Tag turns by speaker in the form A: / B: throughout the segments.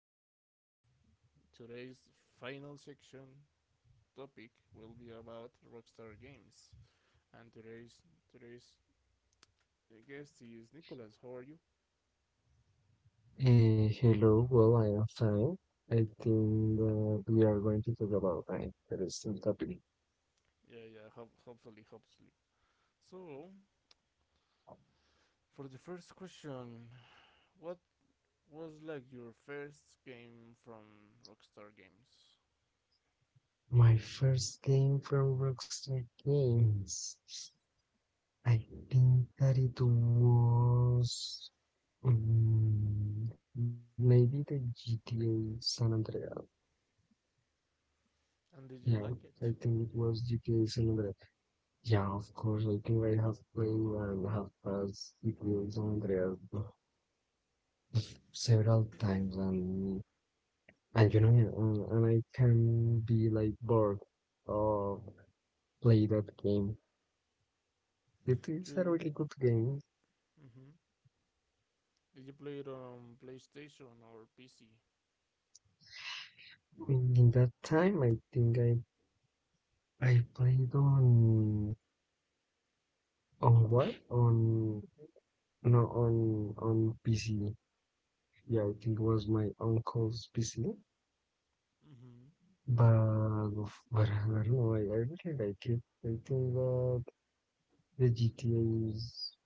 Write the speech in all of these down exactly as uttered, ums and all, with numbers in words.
A: podcast. Today's final section topic will be about Rockstar Games, and today's today's guest is Nicholas. How are you?
B: Hey, hello. Well, I am fine. I think that we are going to talk about an interesting topic.
A: Yeah, yeah. Ho- hopefully, hopefully. So, for the first question, what was like your first game from Rockstar Games,
B: My first game from Rockstar Games. I think that it was um, maybe the G T A San Andreas.
A: and did
B: Yeah,
A: you like
B: I
A: it?
B: think it was G T A San Andreas. Yeah, of course. I think I have played and have passed G T A San Andreas several times, and And you know, uh, and I can be like bored or play that game. It is a
A: You,
B: really good game.
A: mm-hmm. Did you play it on PlayStation or P C?
B: In, in that time, I think I I played on on what on no on on P C. Yeah, I think it was my uncle's P C.
A: Mm-hmm.
B: But but I don't know. I, I really like it. I think that the G T A is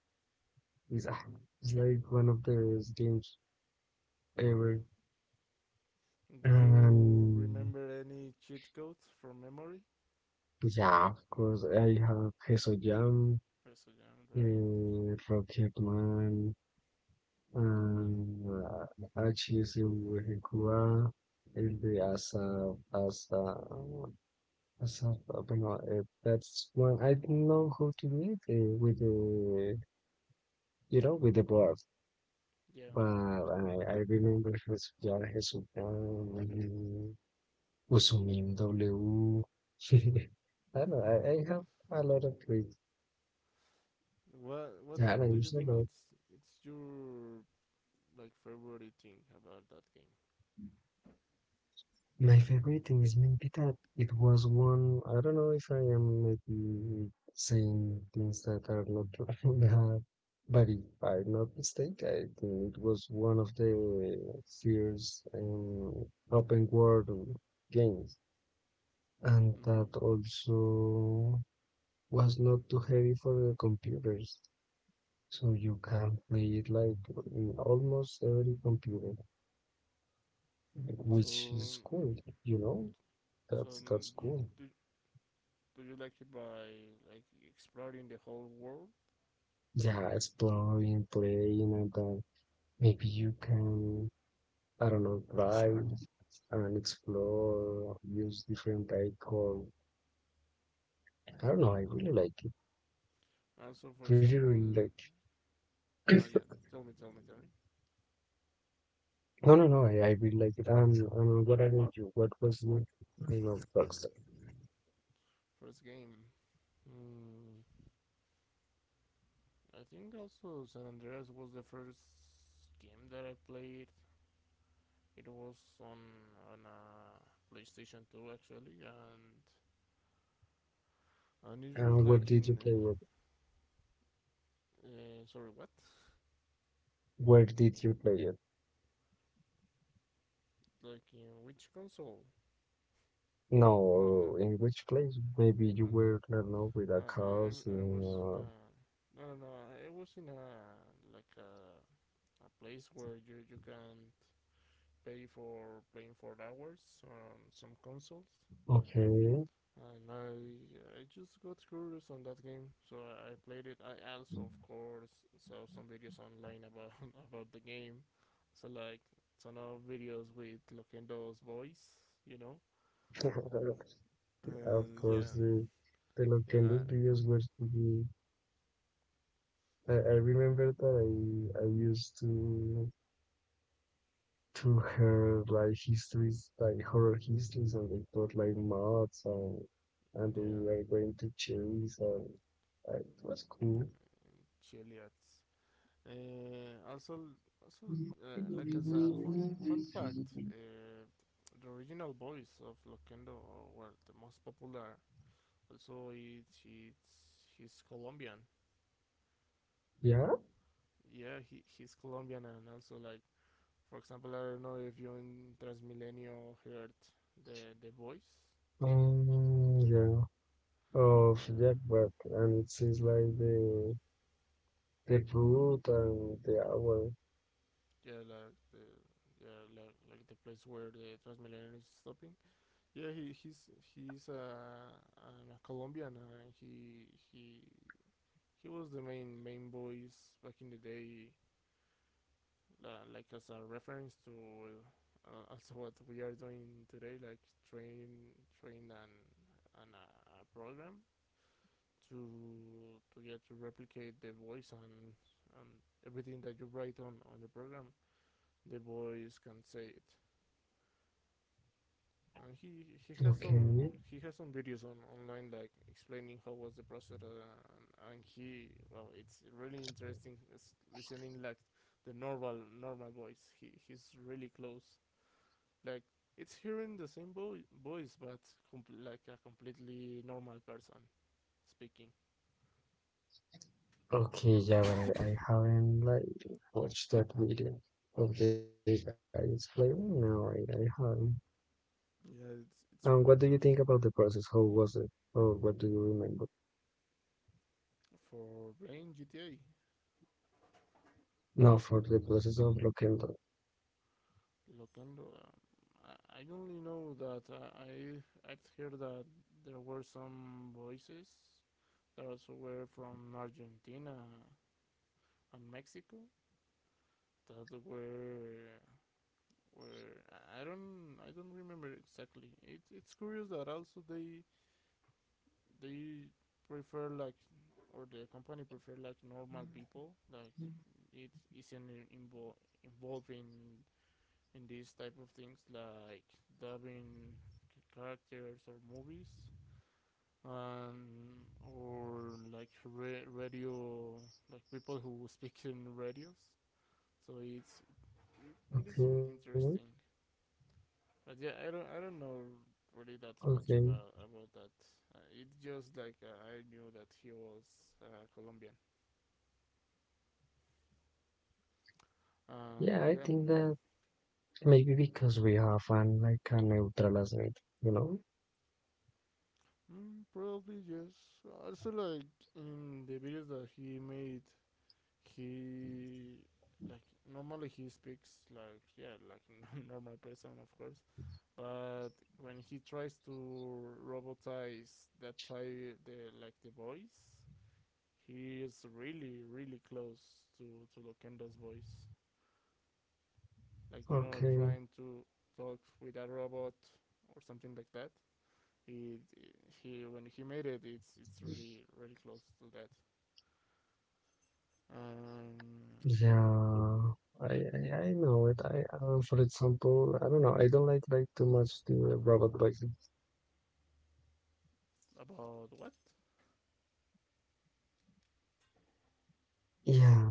B: is, ah, is like one of the best games ever.
A: Do you
B: And
A: remember any cheat codes from memory?
B: Yeah, of course. I have Peso Jam,
A: Eso ya, right,
B: uh, Rocketman,
A: man.
B: and uh, Achis Wehikua, and the Asa, Asa, Asa, no, uh, that's one I don't know how to read uh, with the, you know, with the board.
A: Yeah.
B: But I, I remember his, yeah, his, um, Usumin W. I don't know, I, I have a lot of read.
A: What What
B: Yeah, I
A: do you
B: used
A: think
B: to.
A: it's it's your like favorite thing about that game?
B: My favorite thing is maybe that it was one. I don't know if I am maybe saying things that are not bad, but if I'm not mistaken, I think it was one of the first um, open world games, and that
A: Mm-hmm.
B: also was not too heavy for the computers, so you can play it like in almost every computer, which
A: So,
B: is cool, you know?
A: so
B: That's that's
A: you,
B: cool.
A: do, do you like it by like exploring the whole world?
B: Yeah, exploring, playing, and then maybe you can, I don't know, drive and explore, use different vehicle. I don't know, I really like it.
A: Also, for
B: Really,
A: example,
B: really like it.
A: ah uh, yeah. Tell me, tell me, tell me.
B: No, no, no, I, I really like it. And, and what about you? What was your name of Rockstar?
A: First game. Mm, I think also San Andreas was the first game that I played. It was on on a uh, PlayStation two, actually, and and it was
B: And where
A: like
B: did
A: in
B: you
A: uh,
B: play it?
A: uh, sorry, what?
B: Where did you play it?
A: Like in which console? Oh no,
B: No, in which place? Maybe you
A: okay.
B: were, I don't know, with a
A: Uh, I I was in a
B: cousin.
A: no no no. I was in a like a a place where you you can pay for playing for hours on some consoles,
B: uh, Okay.
A: and I I just got curious on that game, so I, I played it. I also, of course, saw some videos online about about the game, so like ton of videos with Lokendo's voice, you know,
B: Of
A: and
B: course,
A: yeah,
B: the, the Nintendo's
A: yeah,
B: videos were pretty. I, I
A: hmm
B: remember that I, I used to to hear like histories, like horror histories, and they put like mods and and we
A: yeah,
B: were going to chase, and uh, it was cool.
A: Chiliot. Uh, also, also, uh, like as a fun fun fact, uh, the original voice of Lokendo were the most popular. Also, it's, it's his
B: Yeah,
A: yeah, he, he's Colombian, and also, like, for example, I don't know if you in Transmilenio heard the the voice.
B: um, yeah, of
A: Uh,
B: Jack Black, and it says like the the fruit and the hour.
A: yeah, like the yeah, like, like the place where the Transmilenio is stopping. Yeah, he he's he's uh, a Colombian, uh, and he he he was the main main voice back in the day, uh, like as a reference to uh, Uh, also what we are doing today, like train train and and a, a program to to get yeah, to replicate the voice and and everything that you write on on the program the voice can say it, and he he has
B: Okay.
A: some he has some videos on online like explaining how was the process, uh, and, and he, well, it's really interesting, it's listening like the normal normal voice, he he's really close, like it's hearing the same vo- voice but com- like a completely normal person speaking
B: Okay, yeah, but I, I haven't like watched that video of the guys playing. No, I, I haven't.
A: yeah it's
B: Um,
A: it's
B: what do
A: really
B: you think
A: interesting
B: about the process? How was it? Or what do you remember?
A: for playing G T A,
B: No, for the process of Lockendo.
A: Loquendo. um, I- I only know that, uh, I I've heard that there were some voices that also were from Argentina and Mexico that were were I don't I don't remember exactly. It, it's curious that also they they prefer like or the company prefer like normal people like it isn't invo- involved in in these type of things like dubbing characters or movies and or like ra- radio, like people who speak in radios, so it's it, it is
B: Okay,
A: interesting. But yeah, I don't I don't know really that
B: okay,
A: much about about that. Uh, it's just like, uh, I knew that he was uh, Colombian, uh,
B: yeah, I
A: yeah.
B: think that maybe because we have an like a neutral asset, you know?
A: Mm, probably yes. Also, like in the videos that he made, he like normally he speaks like yeah like a normal person, of course, but when he tries to robotize that type the like the voice, he is really really close to to Lokendo's voice, like, you know,
B: Okay.
A: trying to talk with a robot or something like that. he he, when he made it, it's it's really really close to that. um yeah.
B: Yeah. I, I, I know it. I, um, for example, I don't know. I don't like like too much the robot voice.
A: About what?
B: Yeah,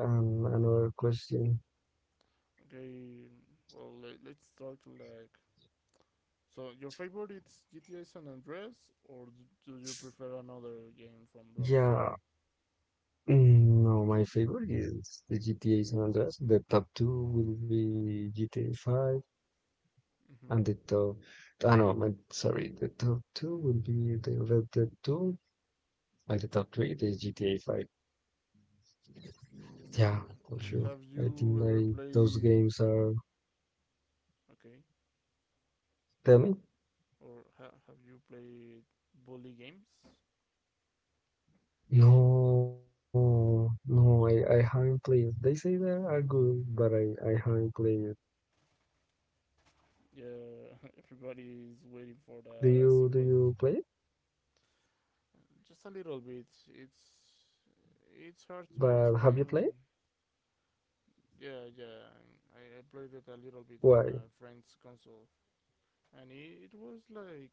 B: um, another question.
A: Okay, well, let, let's start like so. Your favorite is G T A San Andreas, or do you prefer another game from Rockstar?
B: Yeah, mm, no, my favorite is the G T A San Andreas. The top two will be G T A five,
A: Mm-hmm.
B: and the top, ah no, my, sorry, the top two will be the Red Dead two, and the top three is G T A five. Yeah, for sure.
A: Have
B: I
A: you
B: think
A: ever
B: like those
A: played
B: games are,
A: okay,
B: tell me?
A: or ha- have you played Bully Games?
B: No, no, I, I haven't played. They say they are good, but I, I haven't played.
A: Yeah, everybody is waiting for
B: Do
A: the a
B: you, do
A: sequel.
B: you play it?
A: Just a little bit. It's it's hard to
B: But have you played?
A: explain. Yeah, yeah. I, I played it a little bit on
B: Why?
A: a friend's console, and it, it was like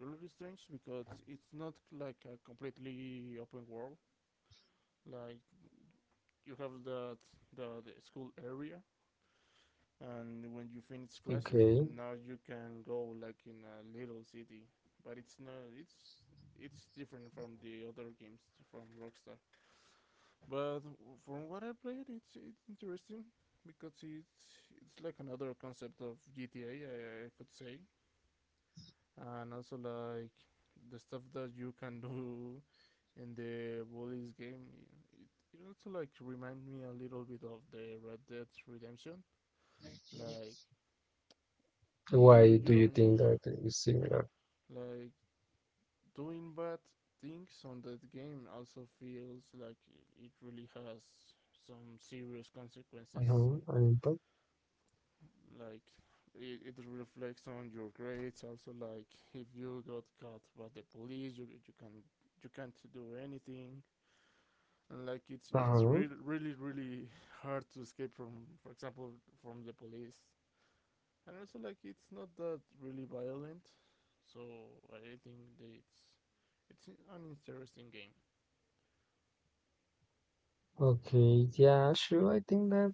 A: really strange because it's not like a completely open world. Like you have that the, the school area, and when you finish classes, now you
B: Okay.
A: can go like in a little city. But it's not it's it's different from the other games from Rockstar. But from what I played, it's it's interesting because it's it's like another concept of G T A, I I could say, and also like the stuff that you can do in the Bullies game. It, it also like remind me a little bit of the Red Dead Redemption. Like
B: Why
A: you you
B: do you
A: don't
B: think that is similar?
A: like doing bad things on that game. Also feels like it really has some serious consequences.
B: Uh-huh. I impact.
A: Like it, it reflects on your grades. Also, like if you got caught by the police, you you can you can't do anything, and like it's it's
B: Uh-huh.
A: really really really hard to escape from, for example, from the police. And also like it's not that really violent, so I think that it's it's an interesting game.
B: Okay. Yeah, sure. I think that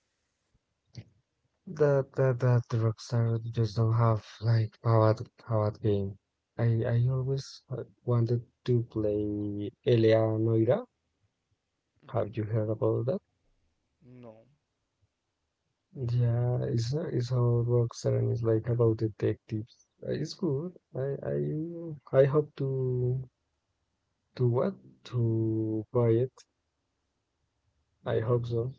B: that that that Rockstar just don't have like powered powered game. I I always uh, wanted to play Eleanoira.
A: Mm-hmm.
B: Have you heard about that?
A: No.
B: Yeah, it's uh, it's how it works, and it's like about detectives. Uh, It's good. I I I hope to to what to buy it. I hope so.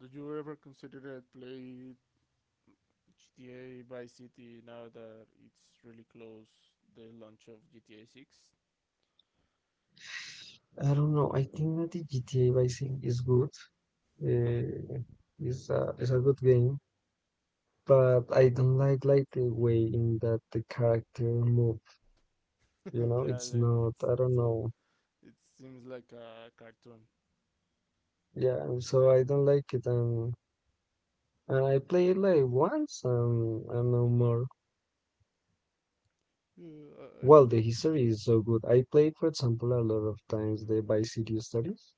A: Did you ever consider it play G T A Vice City now that it's really close the launch of G T A six?
B: I don't know. I think that the G T A Vice City is good. Uh, it's a it's a good game, but I don't like like the way in that the character move. You know,
A: Yeah,
B: it's
A: like
B: not.
A: it's
B: I don't
A: so
B: know.
A: it seems like a cartoon.
B: Yeah, and so I don't like it, and and I played like once, and and no more.
A: Yeah, I
B: Well,
A: would
B: the
A: like to try
B: history is
A: it.
B: so good. I played, for example, a lot of times the Vice City stories.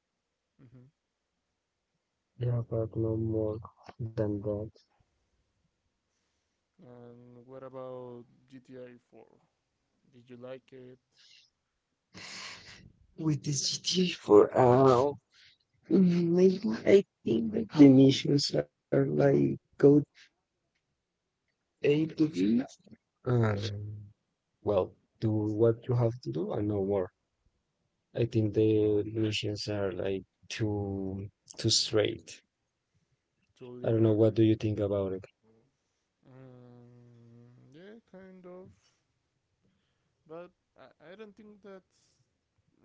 A: Mm-hmm.
B: Yeah, but no more than that.
A: And what about G T A four? Did you like it?
B: With this G T A four, uh, Mm, maybe I think that the missions are like go A to B, and, well, do what you have to do and no more. I think the missions are like too too straight. I don't know.
A: Too
B: What do you
A: linear?
B: think about it?
A: Um, yeah, kind of. But I, I don't think that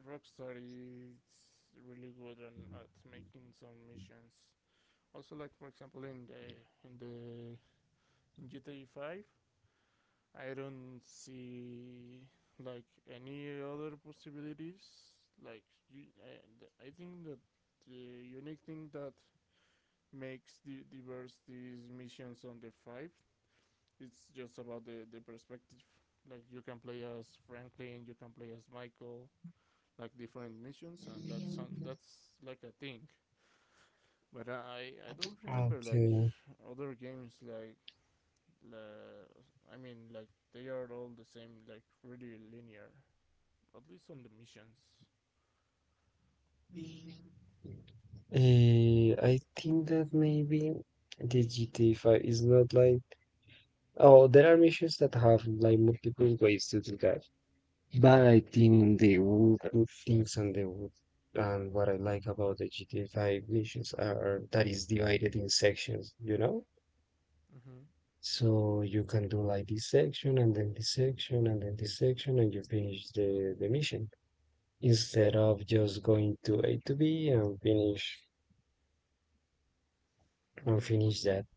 A: Rockstar is really good on, at making some missions. Also, like for example in the in the in G T A five, I don't see like any other possibilities. Like you, I, I think that the unique thing that makes the diverse these missions on the five, it's just about the the perspective. Like you can play as Franklin, you can play as Michael, like different missions, and that's on, that's like a thing. But I I don't remember like
B: Okay.
A: other games like, uh, I mean, like they are all the same, like really linear, at least on the missions.
B: Uh, I think that maybe the G T A five is not like. Oh, there are missions that have like multiple ways to do that. But I think the wood good things and the wood, and what I like about the G T A five missions are that is divided in sections, you know?
A: Mm-hmm.
B: So you can do like this section and then this section and then this section and you finish the, the mission instead of just going to A to B and finish and
A: Mm.
B: finish that.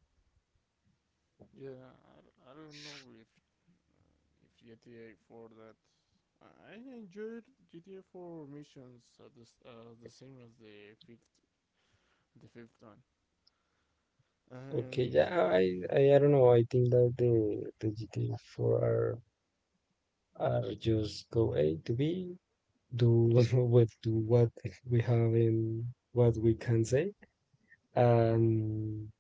A: Yeah, I, I don't know if if G T A four, that I enjoyed G T A four missions at this, uh, the same as the fifth the fifth one,
B: Okay,
A: and
B: yeah, I, I, I don't know. I think that the the G T A four are, are just go A to B, do what do what we have in what we can say,
A: mhm.
B: and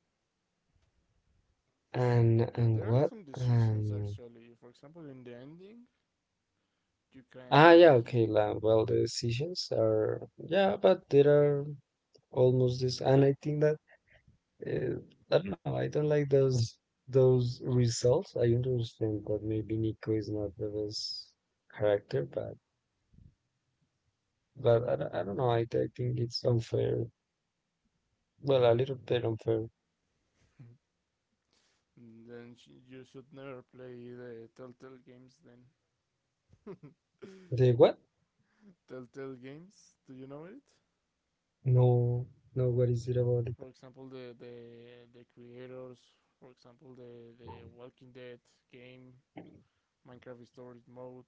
A: But
B: and and
A: there are
B: what,
A: some decisions,
B: and
A: actually, for example, in the ending, you
B: ah
A: can
B: yeah, okay,
A: kill.
B: la, well, the decisions are, yeah, but there are almost this, and I think that, uh, I don't know, I don't like those those results. I understand that maybe Nico is not the best character, but but I don't, I don't know, I, I think it's unfair, well, a little bit unfair.
A: Then sh- you should never play the Telltale games, then.
B: The what?
A: Telltale games, do you know it?
B: No, no, worries about it?
A: For example, the the the creators, for example, the the Walking Dead game, Minecraft Stories mode.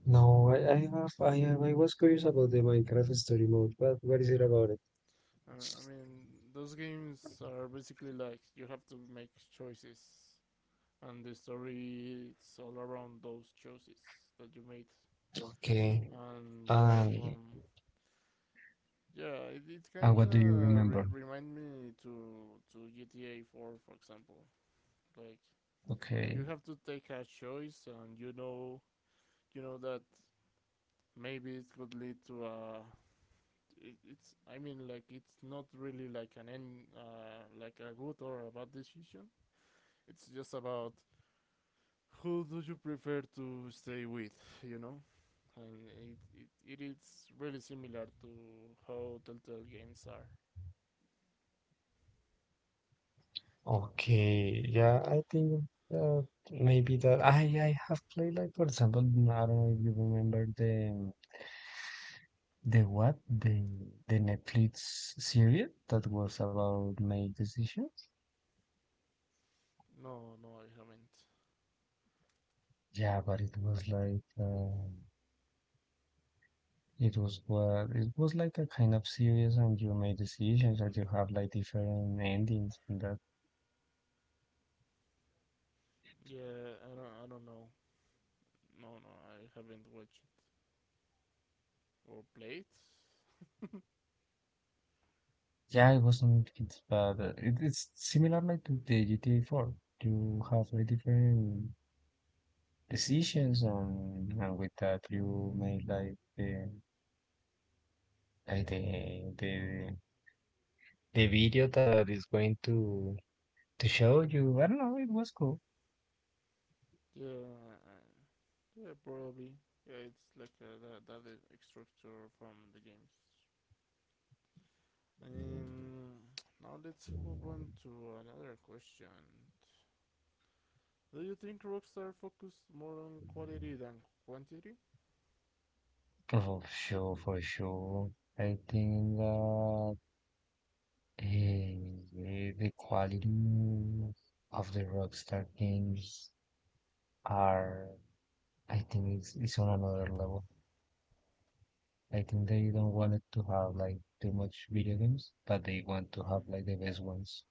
B: No, I, I have, I have, I was curious about the Minecraft story mode, but what is it about it?
A: Uh, I mean, those games are basically like you have to make choices, and the story it's all around those choices that you made,
B: Okay.
A: and they
B: Um,
A: are from yeah. It, it
B: and what do
A: kind
B: you
A: of
B: remember?
A: re- remind me to to G T A four, for example. Like
B: Okay.
A: you have to take a choice, and you know you know that maybe it could lead to a it, it's I mean, like it's not really like an end, uh, like a good or a bad decision. It's just about who do you prefer to stay with, you know? And it, it, it is really similar to how Telltale games are.
B: Okay, yeah, I think, uh, maybe that I, I have played like, for example, I don't know if you remember the the what the the Netflix series that was about my decisions.
A: No, no, I haven't.
B: Yeah, but it was like. Uh, It was, well, it was like a kind of series, and you made decisions that you have like different endings in that.
A: Yeah, I don't, I don't know. No, no, I haven't watched it or played.
B: Yeah, it wasn't it's, but uh, it, it's similar like to the G T A four. You have like different decisions, and, and with that you made like the like the the the video that is going to to show you. I don't know, it was cool.
A: Yeah, uh, yeah, probably. Yeah, it's like, uh, that, that uh, structure from the games. Um, Now let's move on to another question. Do you think Rockstar focused more on quality than quantity?
B: For sure, for sure. I think that, Eh, the quality of the Rockstar games are, I think, it's, it's on another level. I think they don't want it to have like too much video games, but they want to have like the best ones.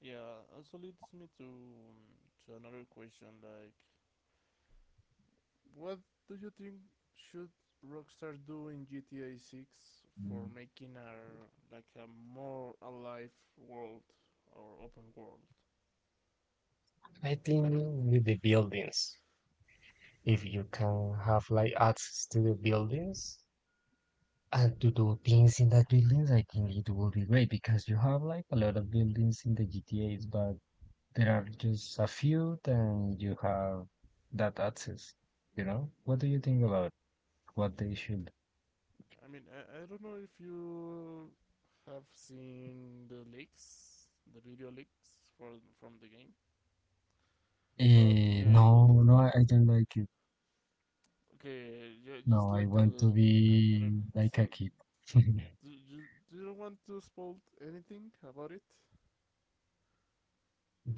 A: Yeah, also leads me to, um, to another question, like, what do you think should Rockstar do in G T A six for
B: Mm.
A: making a like a more alive world or open world?
B: I think with the buildings, if you can have like access to the buildings and to do things in that buildings, I think it will be great because you have like a lot of buildings in the G T As, but there are
A: Mm-hmm.
B: just a few, then you have that access, you know? What do you think about what they should?
A: I mean, I, I don't know if you have seen the leaks, the video leaks for from the game, but
B: Eh,
A: yeah,
B: no, no, I I don't like it.
A: okay, ju-
B: No,
A: just
B: I
A: like a,
B: want
A: l-
B: to
A: I don't
B: be
A: know.
B: like
A: So,
B: a kid.
A: do you, do you want to spoil anything about it?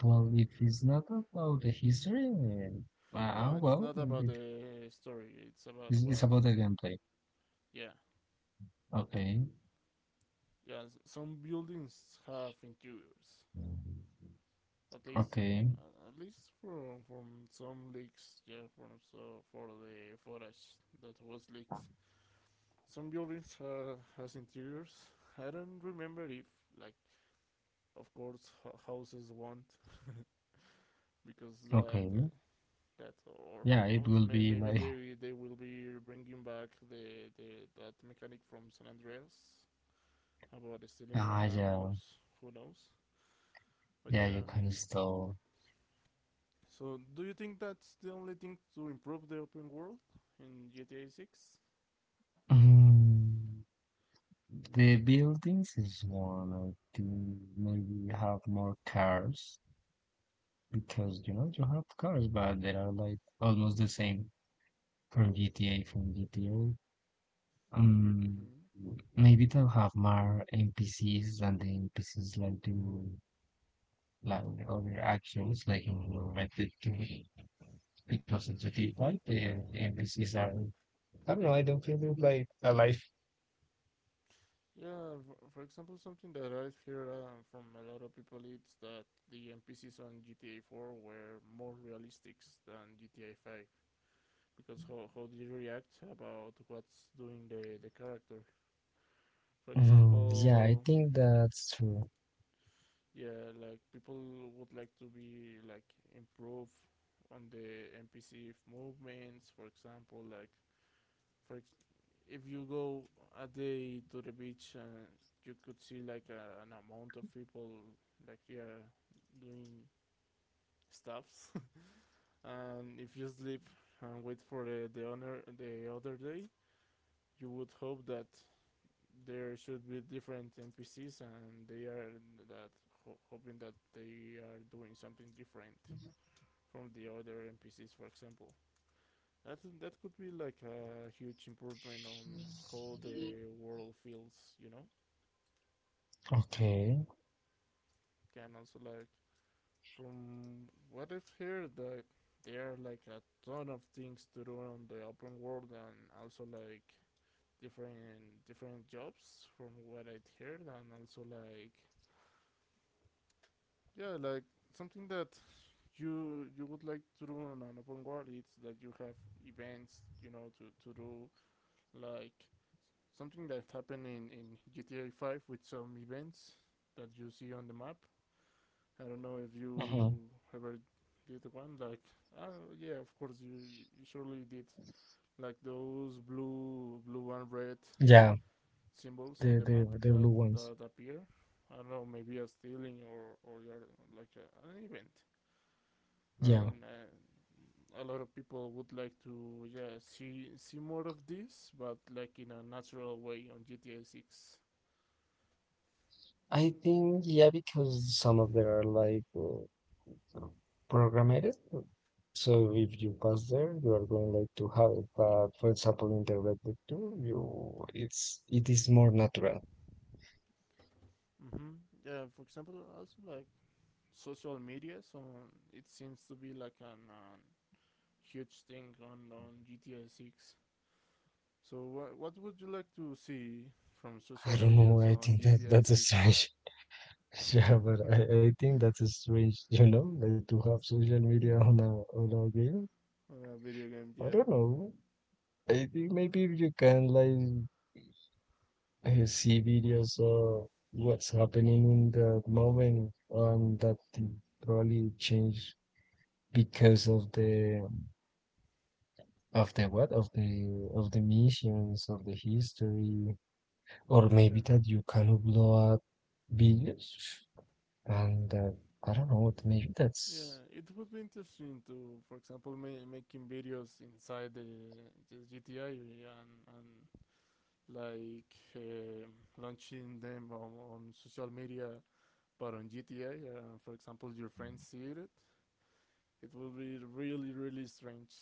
B: Well, if it's not about the history, then,
A: No,
B: uh,
A: it's
B: well,
A: not about
B: it-
A: the story. It's about
B: it's, it's
A: what
B: about the
A: we,
B: gameplay.
A: yeah,
B: Okay,
A: yeah. s- Some buildings have interiors, at least,
B: okay,
A: uh, at least from from some leaks. Yeah, from so for the footage that was leaked. Some buildings uh, has interiors. I don't remember if like, of course, h- houses won't, because that, uh,
B: okay.
A: that or who
B: Yeah, it
A: knows,
B: will
A: may,
B: be
A: maybe
B: like,
A: they they will be bringing back the, the that mechanic from San Andreas about stealing
B: ah,
A: a
B: yeah,
A: house, who knows. But
B: yeah, you
A: yeah,
B: can still.
A: so do you think that's the only thing to improve the open world in G T A six?
B: Mm. The buildings is one. I think maybe you have more cars, because you know you have cars, but they are like almost the same from G T A from G T A. Um,
A: Mm-hmm.
B: maybe they'll have more N P Cs, and the N P Cs like do like other actions like in Red Dead two, because of the default the N P Cs are, I don't know, I don't feel they're like alive.
A: Yeah, for, for example, something that I've heard uh, from a lot of people is that the N P Cs on G T A four were more realistic than G T A five, because how, how they react about what's doing the, the character, for
B: Mm, yeah, I
A: example.
B: think that's true.
A: Yeah, like people would like to be like improve on the N P C movements, for example, like, for ex- if you go a day to the beach, uh, you could see like a, an amount of people, like, yeah, doing stuffs and if you sleep and wait for the, the honor the other day, you would hope that there should be different N P Cs, and they are that ho- hoping that they are doing something different from the other N P Cs. For example, that that could be like a huge improvement on how the world feels. You know,
B: Okay.
A: And also, like, from what I've heard that there are like a ton of things to do on the open world, and also like different different jobs from what I'd heard, and also like, yeah, like something that you you would like to run an open world, it's that you have events, you know to, to do, like something that happened in, in G T A five with some events that you see on the map. I don't know if
B: Mhm.
A: you ever did one, like, oh yeah, of course, you, you surely did, like those blue blue and red
B: Yeah,
A: symbols on
B: the
A: the map
B: the the
A: that
B: blue ones.
A: that appear. I don't know, maybe a stealing or or like a, an event.
B: Yeah,
A: And uh, a lot of people would like to, yeah, see see more of this, but like in a natural way on G T A six.
B: I think yeah because some of them are like, uh, programmed. So if you pass there, you are going like to have it. But for example, in the Red Book two, you, it's, it is more natural.
A: Mm-hmm. Yeah, for example, also like social media. So it seems to be like an, an huge thing on on G T A six. So wha what would you like to see from
B: I
A: social
B: don't
A: media
B: know.
A: so
B: I
A: on
B: think that
A: G T A
B: that's
A: six?
B: strange. Yeah, but I, I think that's a strange, you know, like to have social media on a on a game.
A: On a video game?
B: I
A: Yeah,
B: don't know. I think maybe if you can like, uh, see videos or what's happening in the moment, um, that thing probably change because of the of the what of the of the missions of the history, or
A: yeah,
B: maybe that you can upload videos, and uh, I don't know. Maybe that's.
A: yeah. It would be interesting to, for example, ma- making videos inside the, the G T A and and like, uh, launching them on, on social media, but on G T A, uh, for example, your friends see it, it will be really, really strange.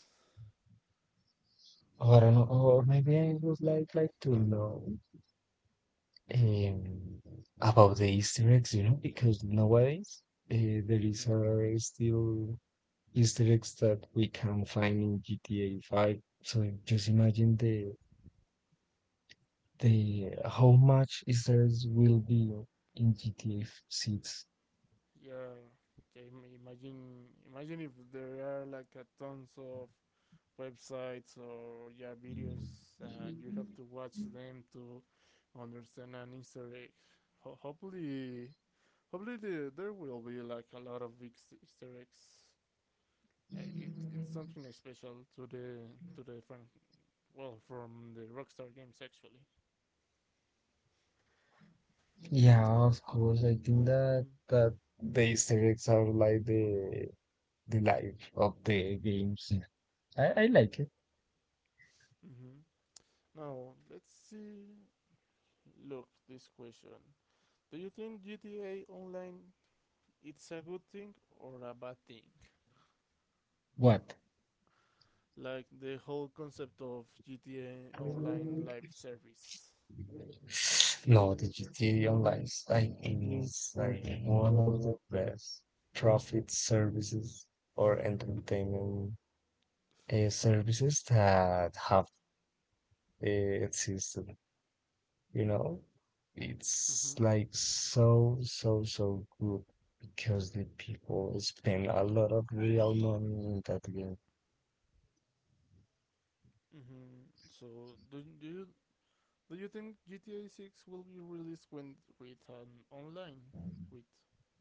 B: Or, an, or maybe I would like like to know, um, about the Easter eggs, you know, because nowadays, uh, there is,
A: Mhm.
B: uh, still Easter eggs that we can find in G T A five. So just imagine the the how much Easter eggs will be in G T A six.
A: Yeah, yeah, imagine, imagine if there are like a tons of websites or, yeah, videos, and you have to watch them to understand an Easter egg. Ho- hopefully, hopefully the, there will be like a lot of big Easter eggs. it, it's something special to the to the from, well, from the Rockstar games, actually.
B: Yeah, of course. I think that
A: Mm.
B: that the Easter eggs are like the the life of the games. I, I like it.
A: Mm-hmm. Now let's see. Look, this question: Do you think G T A Online it's a good thing or a bad thing?
B: What?
A: Like the whole concept of G T A Online live service.
B: No, the vegetarian lifestyle is like one of the best profit services or entertainment, uh, services that have, uh, existed. You know, it's
A: Mm-hmm.
B: like so, so, so good, because the people spend a lot of real money in that game.
A: Mm-hmm. So do do you do you think G T A Six will be released, when with an online with,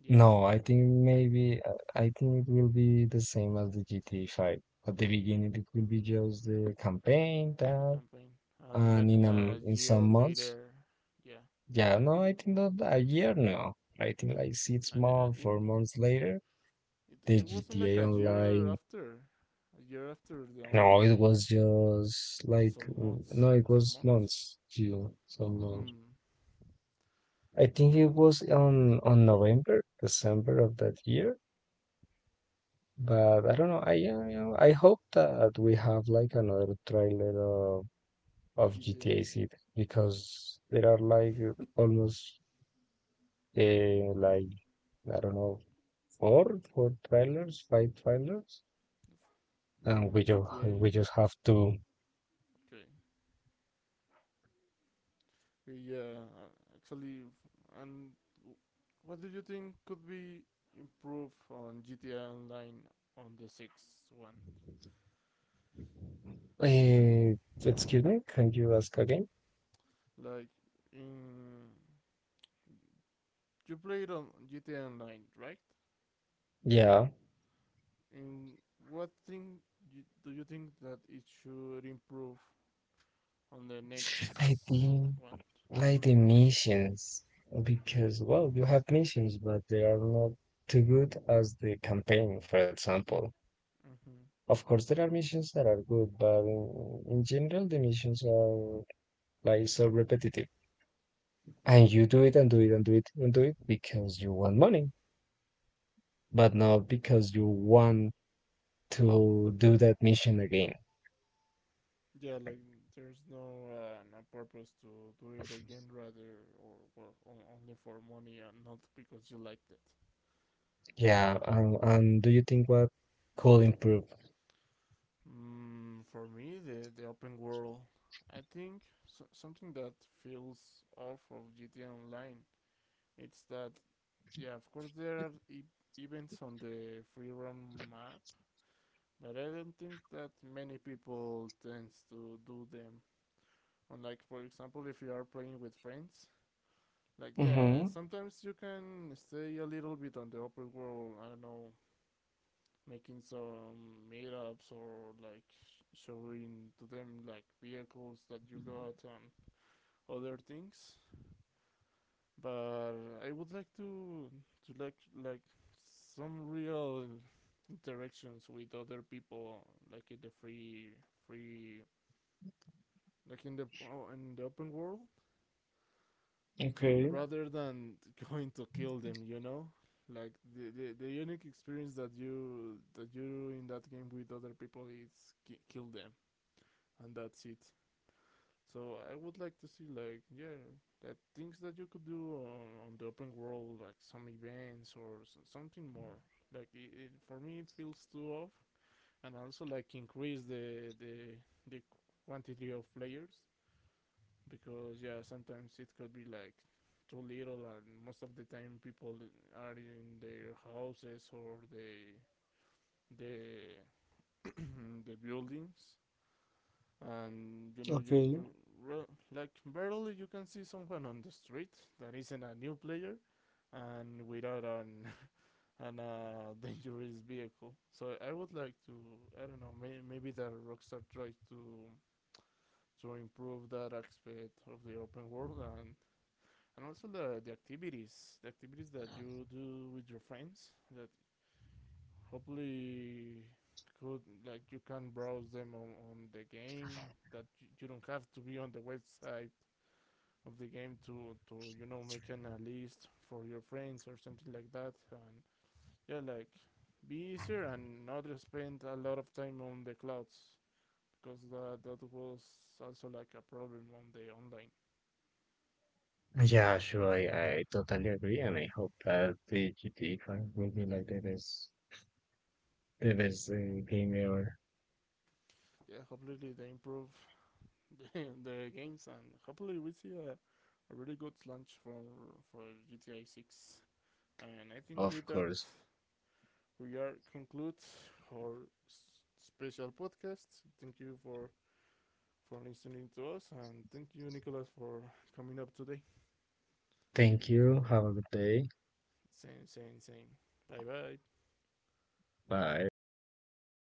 A: yeah,
B: No, I think maybe, uh, I think it will be the same as the G T A five. At the beginning, it will be just the campaign
A: the
B: that,
A: campaign, and
B: and
A: like
B: in,
A: an, a
B: um, in
A: year
B: some months,
A: later, yeah,
B: yeah,
A: I
B: no, I
A: think
B: think not a year now. I think like six
A: I, I
B: months,
A: think
B: four months later,
A: it it
B: the
A: wasn't like a
B: G T A
A: year
B: Online.
A: after, a year after the
B: No,
A: online
B: it
A: went,
B: was just like,
A: some
B: mm,
A: months,
B: no, it
A: some
B: was
A: months.
B: months, June, some months.
A: Hmm.
B: I think it was on on November, December of that year. But I don't know. I, uh, you know, I hope that we have like another trailer of of
A: G T A
B: G T A six, because there are like almost, uh, like I don't know, four four trailers, five trailers, and we
A: from
B: just
A: G T A.
B: we just have to.
A: Okay. Yeah, uh, actually, and what do you think could be improved on G T A Online on the sixth one?
B: Uh, Excuse me, can you ask again?
A: Like, in, you played on G T A Online, right?
B: Yeah,
A: And what thing you, do you think that it should improve on the
B: I
A: next
B: think
A: one?
B: like the missions, because well, you have missions, but they are not too good as the campaign, for example.
A: Mm-hmm.
B: Of course, there are missions that are good, but in, in general, the missions are like so repetitive. And you do it
A: Hmm.
B: and do it and do it and do it because you want money, but not because you want to do that mission again.
A: Yeah, like there's no uh, no purpose to do it again, rather, or, well, on, only for money and not because you liked it.
B: Yeah, um, and do you think what could improve?
A: Mm, for me, the the open world, I think so, something that feels off of G T A Online, it's that, yeah, of course there are e- events on the free roam map, but I don't think that many people tends to do them. Unlike, for example, if you are playing with friends, like, yeah,
B: Mm-hmm.
A: sometimes you can stay a little bit on the open world. I don't know, making some meetups or like showing to them like vehicles that you got and other things. But I would like to to like like some real interactions with other people, like in the free free, like in the, oh, in the open world,
B: Okay.
A: rather than going to kill them. You know, Like the, the the unique experience that you that you do in that game with other people is ki- kill them, and that's it. So I would like to see, like, yeah, that things that you could do on, on the open world, like some events or something more like it, it. For me, it feels too off. And also like increase the the the quantity of players, because, yeah, sometimes it could be like too little, and most of the time people are in their houses or the the the buildings, and you know you
B: Okay.
A: you well, like barely you can see someone on the street that isn't a new player, and without an an uh, dangerous vehicle. So I would like to, I don't know, may, maybe that Rockstar tries to to improve that aspect of the open world, and and also the the activities the activities that you do with your friends, that hopefully could, like, you can browse them on, on the game, that you, you don't have to be on the website of the game to to you know making a list for your friends or something like that, and, yeah, like, be easier, and not spend a lot of time on the clouds, because that that was also like a problem on the online.
B: Yeah, sure, I, I totally agree, and I hope that the G T A five will be like the best, the best, uh, game ever.
A: Yeah, hopefully they improve the, the games, and hopefully we see a, a really good launch for for G T A six. And I think
B: Of
A: with that
B: course.
A: we are conclude our s- special podcast. Thank you for for listening to us, and thank you, Nicholas, for coming up today.
B: Thank you. Have a good day.
A: Same, same, same. Bye, bye.
B: 拜。